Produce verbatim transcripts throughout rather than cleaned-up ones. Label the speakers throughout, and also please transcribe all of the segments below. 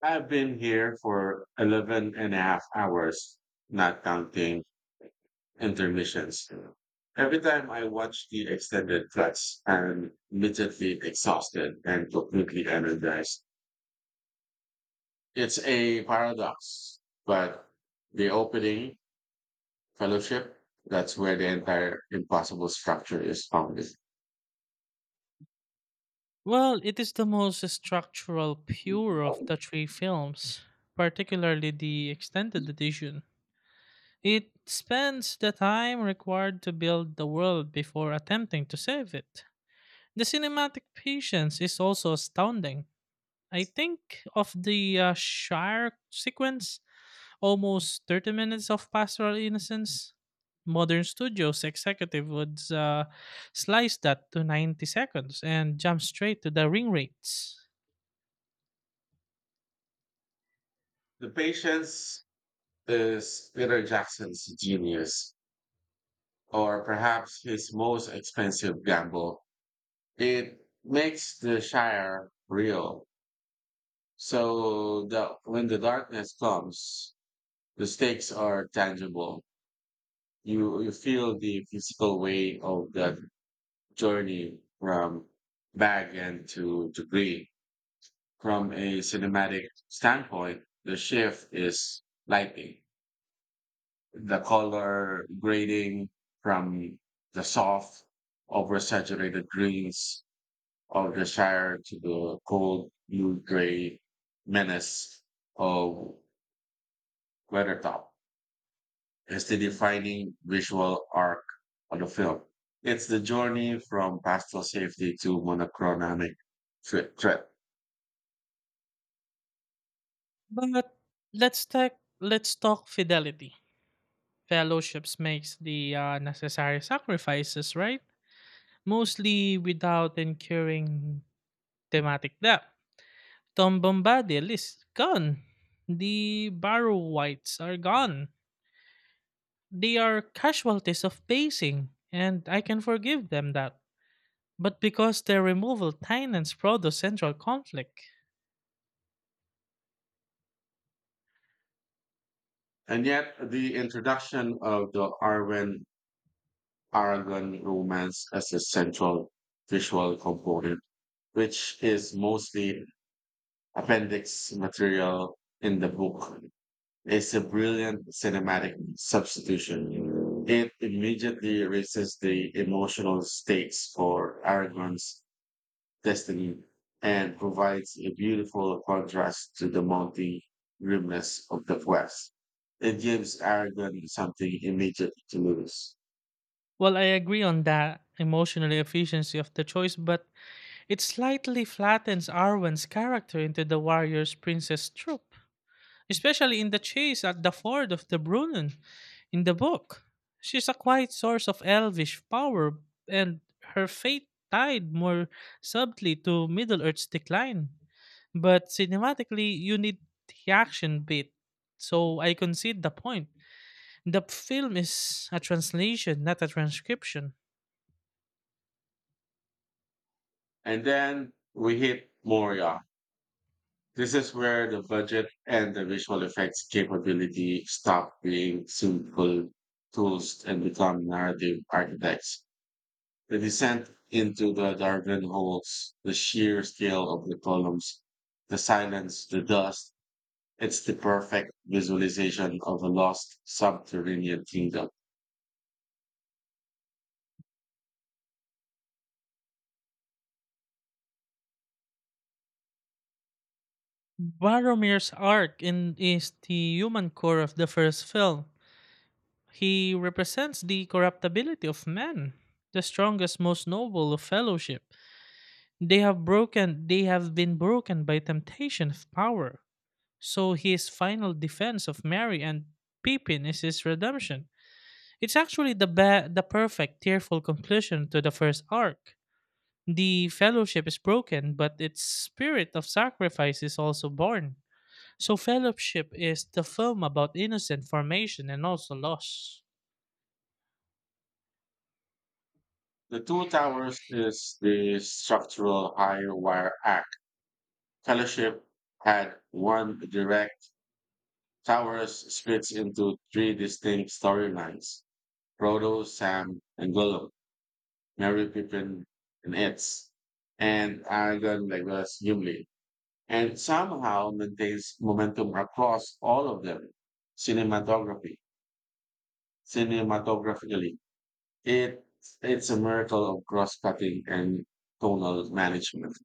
Speaker 1: I've been here for eleven and a half hours, not counting intermissions. Every time I watch the extended cuts, I'm immediately exhausted and completely energized. It's a paradox, but the opening fellowship, that's where the entire impossible structure is founded.
Speaker 2: Well, it is the most structural pure of the three films, particularly the extended edition. It spends the time required to build the world before attempting to save it. The cinematic patience is also astounding. I think of the uh, Shire sequence, almost thirty minutes of pastoral innocence. Modern studios executive would uh, slice that to ninety seconds and jump straight to the ring rates.
Speaker 1: The patience is Peter Jackson's genius, or perhaps his most expensive gamble. It makes the Shire real. So the, when the darkness comes, the stakes are tangible. You, you feel the physical weight of that journey from bag end to degree. From a cinematic standpoint, the shift is lighting, the color grading from the soft, oversaturated greens of the Shire to the cold blue gray menace of Weathertop is the defining visual arc of the film. It's the journey from pastoral safety to monochromatic thre- threat.
Speaker 2: But let's talk let's talk fidelity. Fellowships makes the uh, necessary sacrifices, right? Mostly without incurring thematic debt. Tom Bombadil is gone. The Barrow Whites are gone. They are casualties of pacing, and I can forgive them that. But because their removal tightens Frodo's central conflict.
Speaker 1: And yet, the introduction of the Arwen Aragon romance as a central visual component, which is mostly appendix material in the book, it's a brilliant cinematic substitution. It immediately erases the emotional stakes for Aragorn's destiny and provides a beautiful contrast to the multi grimness of the West. It gives Aragorn something immediate to lose.
Speaker 2: Well, I agree on that emotional efficiency of the choice, but it slightly flattens Arwen's character into the warrior's princess troop, especially in the chase at the ford of the Brunnen in the book. She's a quiet source of elvish power, and her fate tied more subtly to Middle Earth's decline. But cinematically, you need the action bit, so I concede the point. The film is a translation, not a transcription.
Speaker 1: And then we hit Moria. This is where the budget and the visual effects capability stop being simple tools and become narrative architects. The descent into the Dardan holes, the sheer scale of the columns, the silence, the dust. It's the perfect visualization of a lost subterranean kingdom.
Speaker 2: Baromir's arc in, is the human core of the first film. He represents the corruptibility of man, the strongest, most noble of fellowship. They have broken, they have been broken by temptation of power. So his final defense of Mary and Pippin is his redemption. It's actually the ba- the perfect tearful conclusion to the first arc. The fellowship is broken, but its spirit of sacrifice is also born. So fellowship is the film about innocent formation and also loss.
Speaker 1: The two towers is the structural higher wire act. Fellowship had one direct towers splits into three distinct storylines. Frodo, Sam, and Gollum, Merry Pippin, and Eds, and Aragorn, Legolas, Gimli, and somehow maintains momentum across all of them. Cinematography, Cinematographically, it it's a miracle of cross-cutting and tonal management.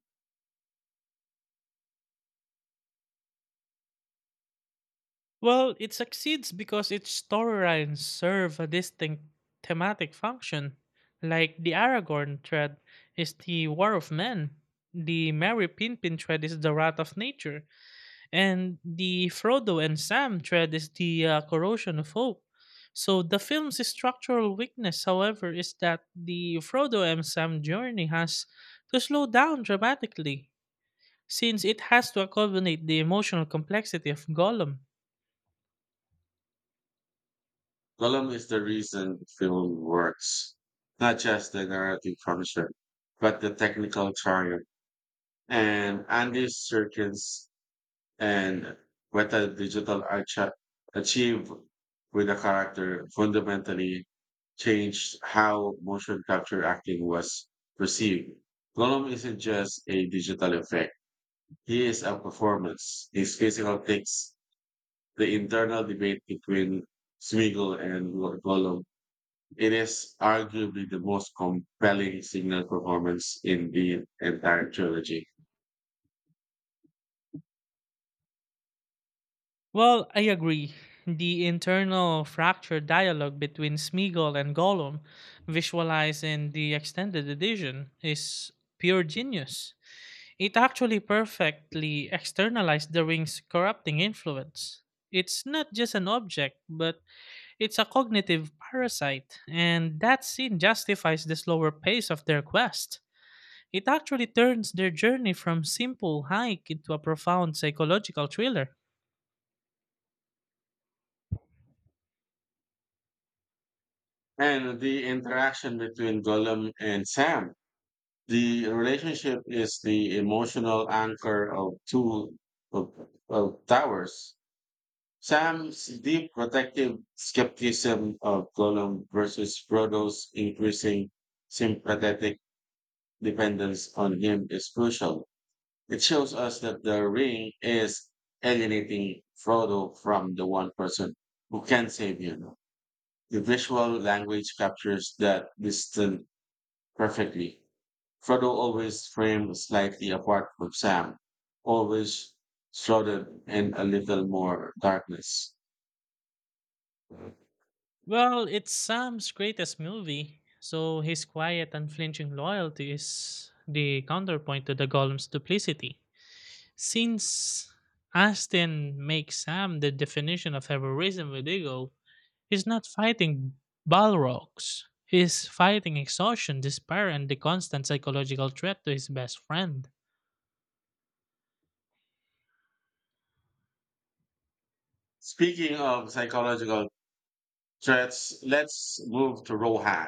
Speaker 2: Well, it succeeds because its storylines serve a distinct thematic function. Like the Aragorn thread is the War of Men, the Merry Pippin thread is the Wrath of Nature, and the Frodo and Sam thread is the uh, Corrosion of Hope. So the film's structural weakness, however, is that the Frodo and Sam journey has to slow down dramatically, since it has to accommodate the emotional complexity of Gollum.
Speaker 1: Column is the reason film works, not just the narrative function, but the technical triumph. And Andy Serkis and whether digital art cha- achieved with the character fundamentally changed how motion capture acting was perceived. Gollum isn't just a digital effect. He is a performance. His physical takes the internal debate between Smeagol and Go- Gollum. It is arguably the most compelling signal performance in the entire trilogy.
Speaker 2: Well, I agree. The internal fractured dialogue between Smeagol and Gollum, visualized in the extended edition, is pure genius. It actually perfectly externalized the ring's corrupting influence. It's not just an object, but it's a cognitive parasite, and that scene justifies the slower pace of their quest. It actually turns their journey from simple hike into a profound psychological thriller.
Speaker 1: And the interaction between Gollum and Sam, the relationship is the emotional anchor of two of, of towers. Sam's deep protective skepticism of Gollum versus Frodo's increasing sympathetic dependence on him is crucial. It shows us that the ring is alienating Frodo from the one person who can save him. The visual language captures that distance perfectly. Frodo always framed slightly apart from Sam, always shrouded in a little more darkness.
Speaker 2: Well, it's Sam's greatest movie, so his quiet, unflinching loyalty is the counterpoint to the golem's duplicity. Since Aston makes Sam the definition of heroism with ego, he's not fighting Balrogs. He's fighting exhaustion, despair, and the constant psychological threat to his best friend.
Speaker 1: Speaking of psychological threats, let's move to Rohan,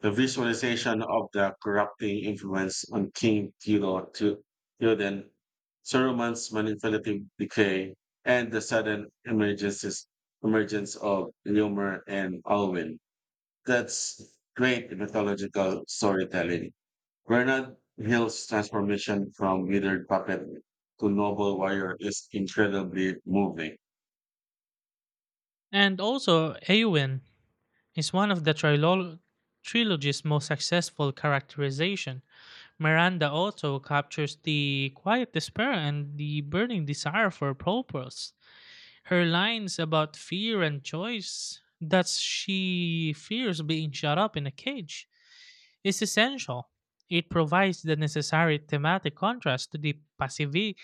Speaker 1: the visualization of the corrupting influence on King Theodor to Theoden, Saruman's manipulative decay, and the sudden emergences, emergence of Ilúmar and Alwyn. That's great mythological storytelling. Bernard Hill's transformation from withered puppet to noble warrior is incredibly moving.
Speaker 2: And also, Eowyn is one of the trilo- trilogy's most successful characterization. Miranda Otto captures the quiet despair and the burning desire for purpose. Her lines about fear and choice, that she fears being shut up in a cage, is essential. It provides the necessary thematic contrast to the passivi-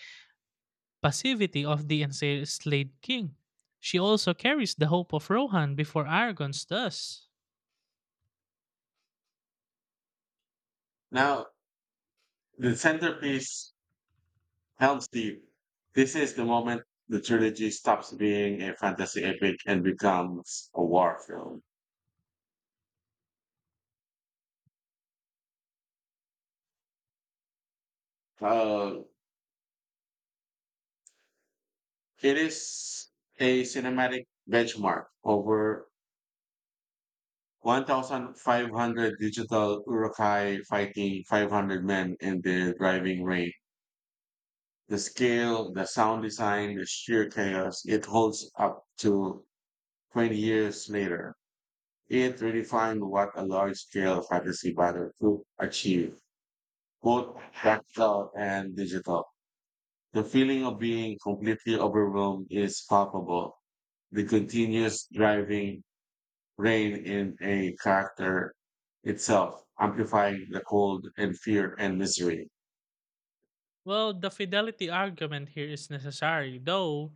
Speaker 2: passivity of the enslaved king. She also carries the hope of Rohan before Aragons does.
Speaker 1: Now, the centerpiece, Helm's Deep. This is the moment the trilogy stops being a fantasy epic and becomes a war film. Uh, it is a cinematic benchmark, over one thousand five hundred digital urukai fighting five hundred men in their driving rain. The scale, the sound design, the sheer chaos, it holds up to twenty years later. It redefined what a large scale fantasy battle could achieve, both tactile and digital. The feeling of being completely overwhelmed is palpable, the continuous driving rain in a character itself, amplifying the cold and fear and misery.
Speaker 2: Well, the fidelity argument here is necessary, though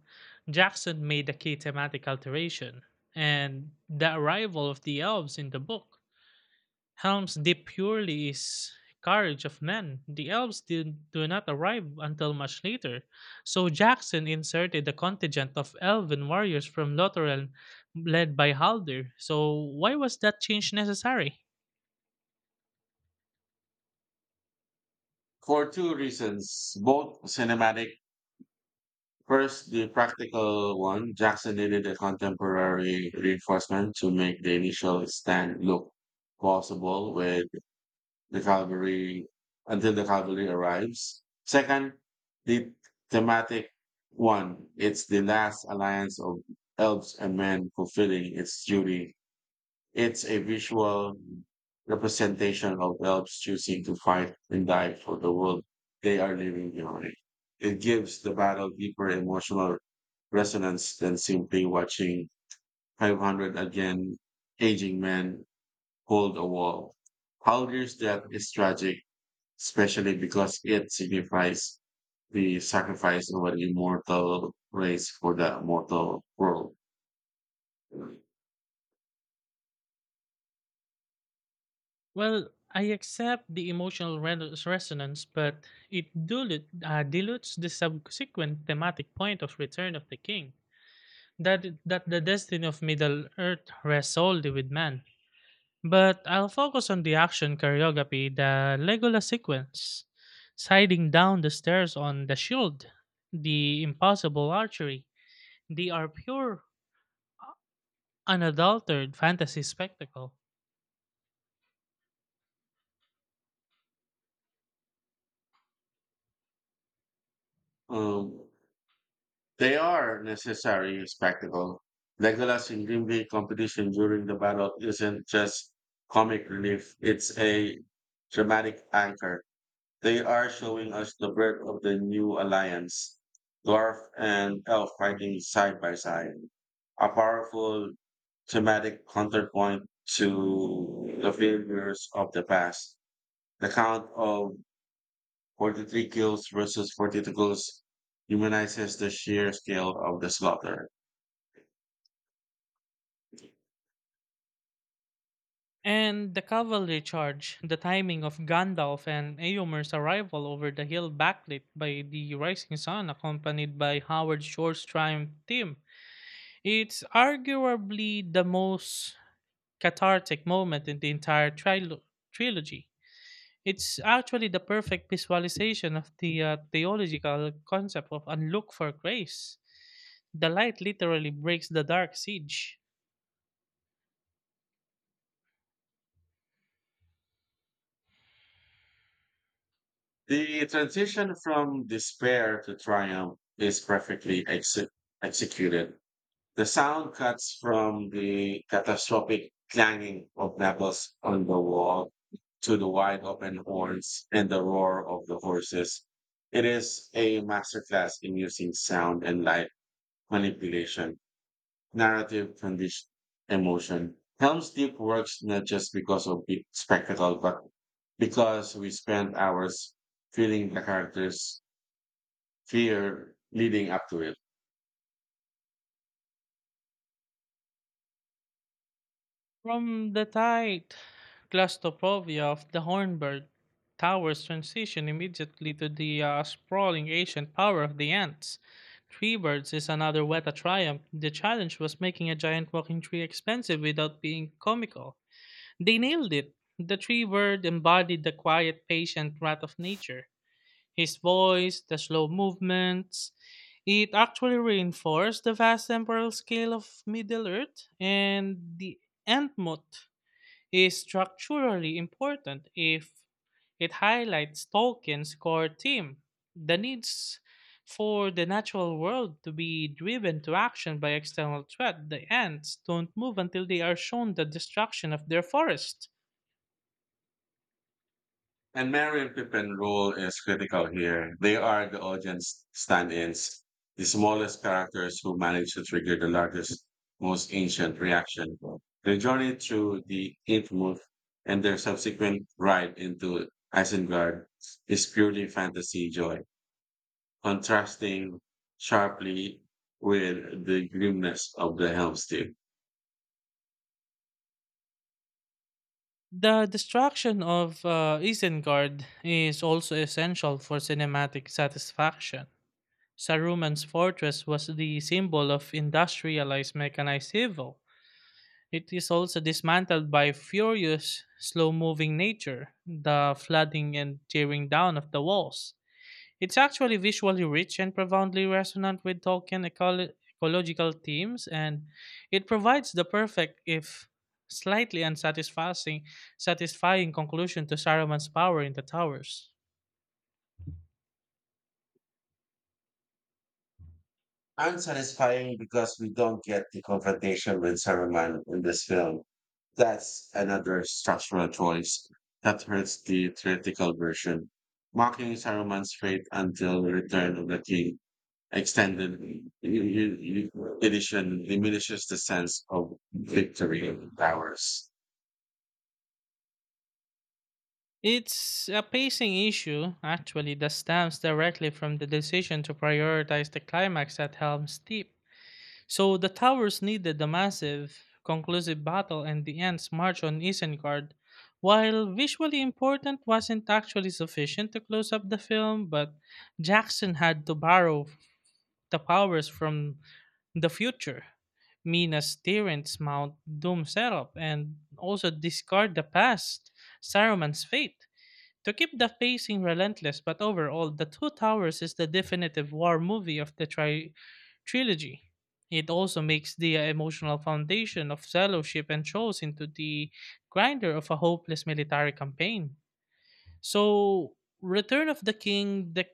Speaker 2: Jackson made a key thematic alteration, and the arrival of the elves in the book. Helm's Deep purely is courage of men. The elves did, do not arrive until much later, so Jackson inserted a contingent of elven warriors from Lothlorien led by Haldir. So why was that change necessary?
Speaker 1: For two reasons, both cinematic. First, the practical one, Jackson needed a contemporary reinforcement to make the initial stand look possible with the cavalry until the cavalry arrives. Second, the thematic one, it's the last alliance of elves and men fulfilling its duty. It's a visual representation of elves choosing to fight and die for the world they are leaving behind. It gives the battle deeper emotional resonance than simply watching five hundred again aging men hold a wall. Haldir's death is tragic, especially because it signifies the sacrifice of an immortal race for the mortal world.
Speaker 2: Well, I accept the emotional re- resonance, but it dilute, uh, dilutes the subsequent thematic point of Return of the King, that that the destiny of Middle Earth rests solely with man. But I'll focus on the action choreography, the Legolas sequence, sliding down the stairs on the shield, the impossible archery. They are pure, unadulterated fantasy spectacle.
Speaker 1: Um, They are necessary spectacle. Legolas in Gimli competition during the battle isn't just comic relief, it's a dramatic anchor. They are showing us the birth of the new alliance, dwarf and elf fighting side by side. A powerful thematic counterpoint to the failures of the past. The Count of forty-three kills versus forty-two kills humanizes the sheer scale of the slaughter.
Speaker 2: And the cavalry charge, the timing of Gandalf and Eomer's arrival over the hill backlit by the rising sun accompanied by Howard Shore's triumph team. It's arguably the most cathartic moment in the entire trilo- trilogy. It's actually the perfect visualization of the uh, theological concept of unlooked for grace. The light literally breaks the dark siege.
Speaker 1: The transition from despair to triumph is perfectly exe- executed. The sound cuts from the catastrophic clanging of knuckles on the wall to the wide open horns and the roar of the horses. It is a masterclass in using sound and light manipulation narrative condition emotion. Helm's Deep works not just because of big spectacle, but because we spend hours feeling the characters' fear leading up to it.
Speaker 2: From the tight claustrophobia of the Hornburg, Towers transition immediately to the uh, sprawling ancient power of the ants. Tree birds is another Weta triumph. The challenge was making a giant walking tree expensive without being comical. They nailed it. The tree bird embodied the quiet, patient wrath of nature. His voice, the slow movements, it actually reinforced the vast temporal scale of Middle Earth, and the Entmote is structurally important if it highlights Tolkien's core theme, the needs for the natural world to be driven to action by external threat. The ants don't move until they are shown the destruction of their forest.
Speaker 1: And Mary and Pippin's role is critical here. They are the audience stand-ins, the smallest characters who manage to trigger the largest, most ancient reaction. Their journey through the infamous and their subsequent ride into Isengard is purely fantasy joy, contrasting sharply with the grimness of the Helm's Deep.
Speaker 2: The destruction of uh, Isengard is also essential for cinematic satisfaction. Saruman's fortress was the symbol of industrialized mechanized evil. It is also dismantled by furious, slow moving nature, the flooding and tearing down of the walls. It's actually visually rich and profoundly resonant with Tolkien eco- ecological themes, and it provides the perfect, if slightly unsatisfying, satisfying conclusion to Saruman's power in the towers.
Speaker 1: Unsatisfying because we don't get the confrontation with Saruman in this film. That's another structural choice that hurts the theatrical version. Mocking Saruman's fate until the return of the king extended e- e- e- edition diminishes the sense of victory and powers.
Speaker 2: It's a pacing issue, actually, that stems directly from the decision to prioritize the climax at Helm's Deep. So the towers needed a massive, conclusive battle, and the ants marched on Isengard. While visually important wasn't actually sufficient to close up the film, but Jackson had to borrow the powers from the future. Mina's Tyrant's Mount Doom setup, and also discard the past, Saruman's fate. To keep the pacing relentless, but overall, The Two Towers is the definitive war movie of the tri- trilogy. It also makes the emotional foundation of fellowship and shows into the grinder of a hopeless military campaign. So, Return of the King, the,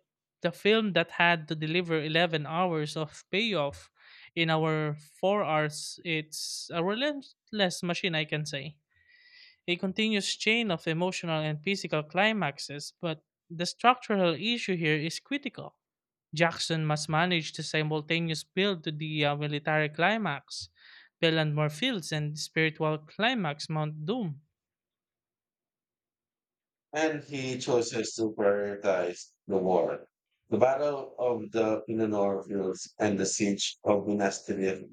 Speaker 2: the film that had to deliver eleven hours of payoff in our four hours, it's a relentless machine, I can say a continuous chain of emotional and physical climaxes, but the structural issue here is critical. Jackson must manage the simultaneous build to the uh, military climax, Pelennor Fields, and the spiritual climax, Mount Doom.
Speaker 1: And he chooses to prioritize the war. The Battle of the Mindanao Fields and the Siege of Minas Tirith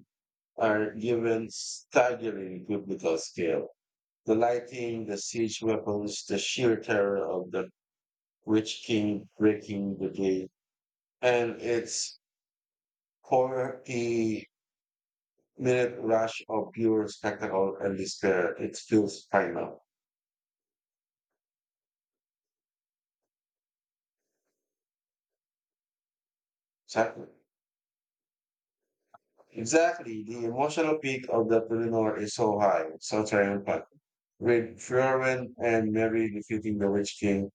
Speaker 1: are given staggering biblical scale. The lighting, the siege weapons, the sheer terror of the Witch King breaking the gate, and its forty-minute rush of pure spectacle and despair. It feels primal. Exactly. Exactly. The emotional peak of the Pelennor is so high, so triumphant. With Fjorwin and Merry defeating the Witch King,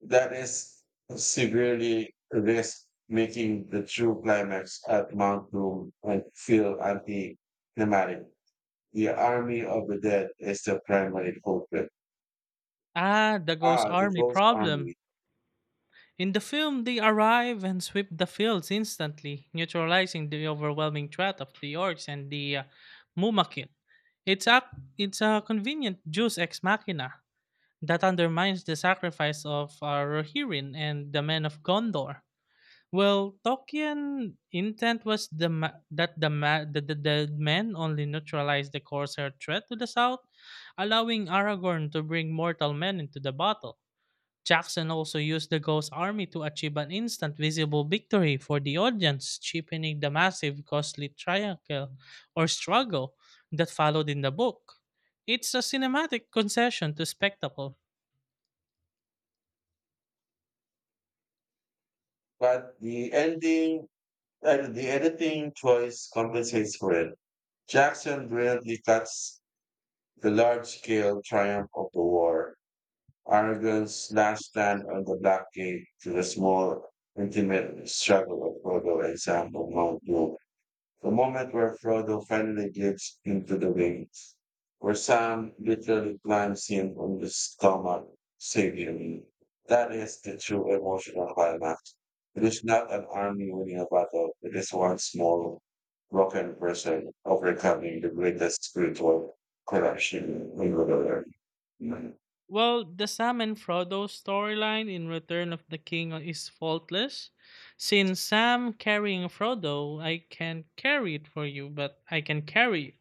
Speaker 1: that is severely risk making the true climax at Mount Doom and feel anti-climatic. The army of the dead is the primary culprit.
Speaker 2: Ah, the Ghost
Speaker 1: Ah, the
Speaker 2: Army
Speaker 1: ghost
Speaker 2: problem.
Speaker 1: army.
Speaker 2: In the film, they arrive and sweep the fields instantly, neutralizing the overwhelming threat of the orcs and the uh, Mumakin. It's a, it's a convenient Deus ex machina, that undermines the sacrifice of uh, Rohirrim and the men of Gondor. Well, Tolkien intent was the ma- that the, ma- the, the the men only neutralized the Corsair threat to the south, allowing Aragorn to bring mortal men into the battle. Jackson also used the Ghost Army to achieve an instant visible victory for the audience, cheapening the massive costly triangle or struggle that followed in the book. It's a cinematic concession to spectacle.
Speaker 1: But the ending, uh, the editing choice compensates for it. Jackson brilliantly cuts the large scale triumph of the war, Aragon's last stand on the blockade, to the small, intimate struggle of Godo and Sambo Mount Doom. The moment where Frodo finally gets into the wings, where Sam literally climbs him on the stomach, saving me. That is the true emotional climax. It is not an army winning a battle, it is one small, broken person overcoming the greatest spiritual corruption in the world.
Speaker 2: Well, the Sam and Frodo storyline in Return of the King is faultless. Since Sam carrying Frodo, I can carry it for you, but I can carry you,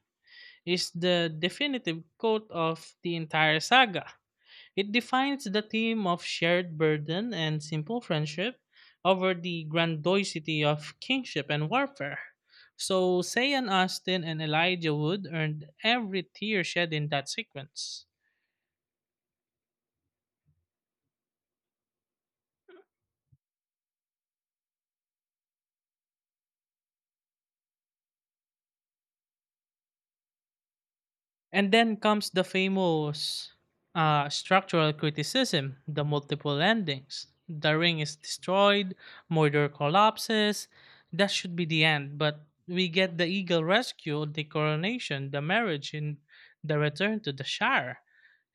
Speaker 2: is the definitive quote of the entire saga. It defines the theme of shared burden and simple friendship over the grandiosity of kingship and warfare. So, Sayan Austin and Elijah Wood earned every tear shed in that sequence. And then comes the famous uh, structural criticism, the multiple endings. The ring is destroyed, Mordor collapses. That should be the end, but we get the eagle rescue, the coronation, the marriage, and the return to the Shire,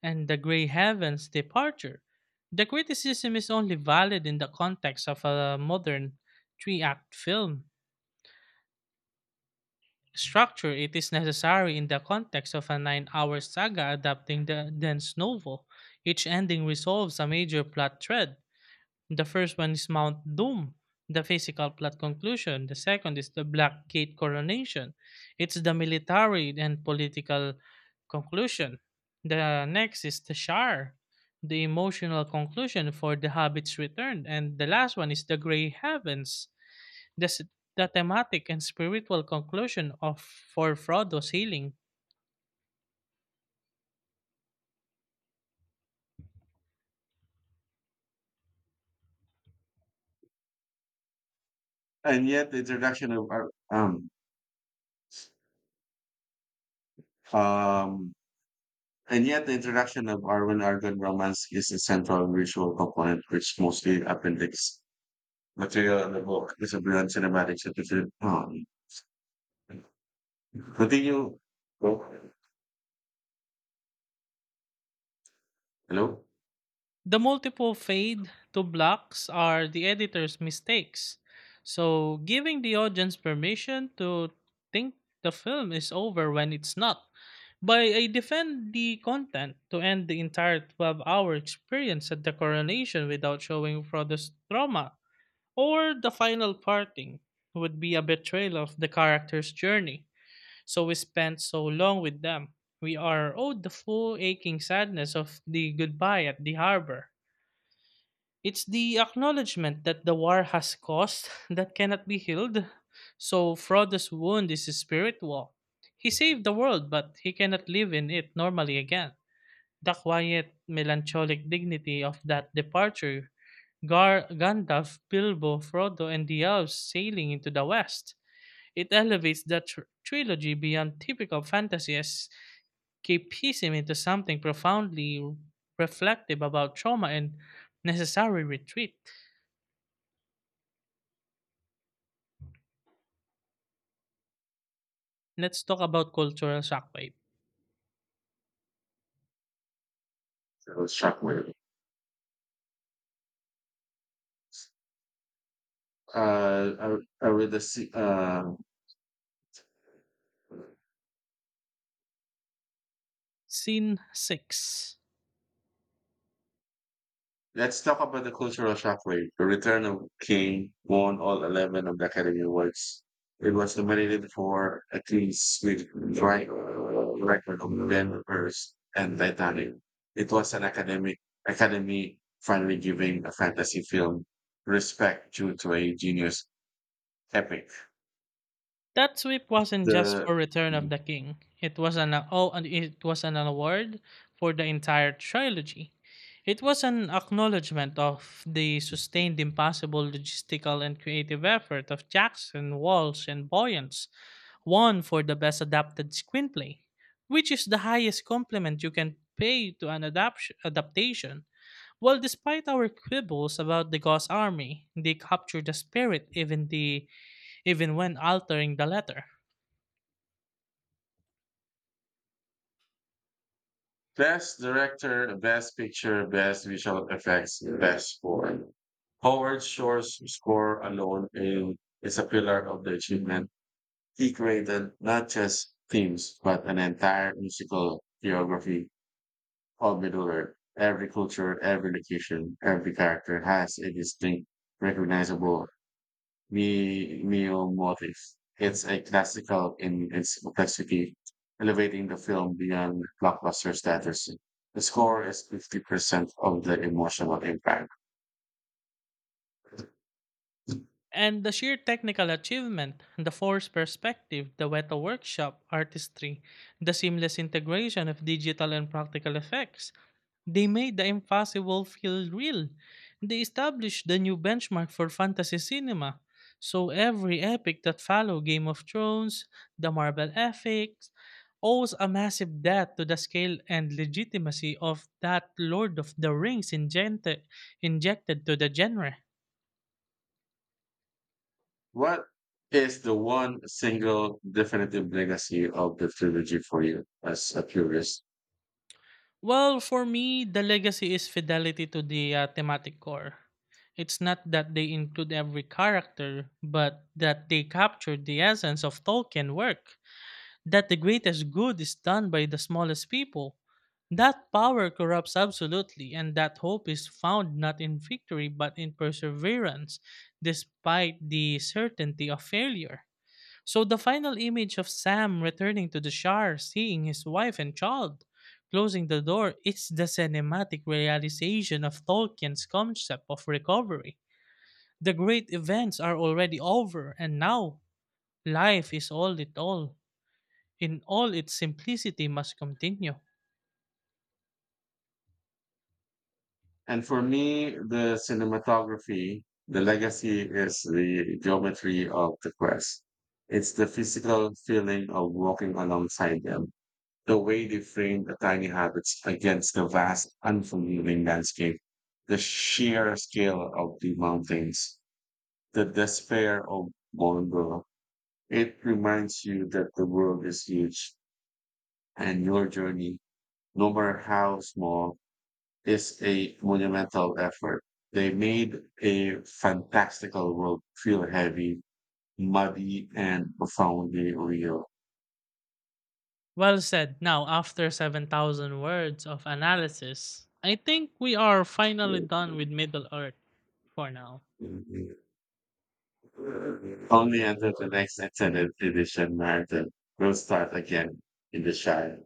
Speaker 2: and the Grey Heavens departure. The criticism is only valid in the context of a modern three act film structure. It is necessary in the context of a nine-hour saga adapting the dense novel. Each ending resolves a major plot thread. The first one is Mount Doom, the physical plot conclusion. The second is the Black Gate coronation. It's the military and political conclusion. The next is the Shire, the emotional conclusion for the Hobbit's return. And the last one is the Grey Heavens, the, s- the thematic and spiritual conclusion of For Frodo's healing.
Speaker 1: And yet, the introduction of our- um, um, And yet, the introduction of urban urban romance is a central visual component, which mostly appendix material in the book is a brilliant cinematic certificate. Um, continue. Oh, hello?
Speaker 2: The multiple fade to blocks are the editor's mistakes. So, giving the audience permission to think the film is over when it's not. By I defend the content to end the entire twelve hour experience at the coronation without showing Frodo's trauma or the final parting would be a betrayal of the character's journey. So we spent so long with them. We are owed the full aching sadness of the goodbye at the harbor. It's the acknowledgement that the war has caused that cannot be healed. So Frodo's wound is spiritual. He saved the world, but he cannot live in it normally again. The quiet, melancholic dignity of that departure, Gar- Gandalf, Bilbo, Frodo, and the elves sailing into the west. It elevates the tr- trilogy beyond typical fantasies, keep piecing into something profoundly reflective about trauma and necessary retreat. Let's talk about cultural shockwave.
Speaker 1: That was shockwave. Uh, are, are we the, se- uh,
Speaker 2: Scene six.
Speaker 1: Let's talk about the cultural shockwave. The Return of King won all eleven of the Academy Awards. It was nominated for a clean sweep right record of Ben Hurst and Titanic. It was an academic academy finally giving a fantasy film respect due to a genius epic.
Speaker 2: That sweep wasn't just
Speaker 1: The
Speaker 2: for Return of the King. It was an oh, and it was an award for the entire trilogy. It was an acknowledgement of the sustained impossible logistical and creative effort of Jackson, Walsh, and Boyens, won for the best adapted screenplay, which is the highest compliment you can pay to an adapt- adaptation. Well, despite our quibbles about the Ghost Army, they captured the spirit, even the even when altering the letter.
Speaker 1: Best Director, Best Picture, Best Visual Effects, Best Score. Howard Shore's score alone, in, is a pillar of the achievement. He created not just themes, but an entire musical geography of Middle Earth. Every culture, every location, every character has a distinct, recognizable Mi mio motif. It's a classical in its complexity, elevating the film beyond blockbuster status. The score is fifty percent of the emotional impact.
Speaker 2: And the sheer technical achievement, the forced perspective, the weta workshop, artistry, the seamless integration of digital and practical effects, they made the impossible feel real. They established the new benchmark for fantasy cinema. So every epic that followed, Game of Thrones, the Marvel epics, owes a massive debt to the scale and legitimacy of that Lord of the Rings injected, injected to the genre.
Speaker 1: What is the one single definitive legacy of the trilogy for you as a purist?
Speaker 2: Well, for me, the legacy is fidelity to the uh, thematic core. It's not that they include every character, but that they capture the essence of Tolkien work, that the greatest good is done by the smallest people. That power corrupts absolutely, and that hope is found not in victory but in perseverance, despite the certainty of failure. So the final image of Sam returning to the Shire, seeing his wife and child, closing the door, is the cinematic realization of Tolkien's concept of recovery. The great events are already over, and now life is all it all. In all its simplicity, must continue.
Speaker 1: And for me, the cinematography, the legacy is the geometry of the quest. It's the physical feeling of walking alongside them. The way they frame the tiny habits against the vast, unforgiving landscape, the sheer scale of the mountains, the despair of Mongo, it reminds you that the world is huge and your journey, no matter how small, is a monumental effort. They made a fantastical world feel heavy, muddy, and profoundly real.
Speaker 2: Well said. Now, after seven thousand words of analysis, I think we are finally done with Middle Earth for now.
Speaker 1: Only after the next extended edition marathon will start again in the Shire.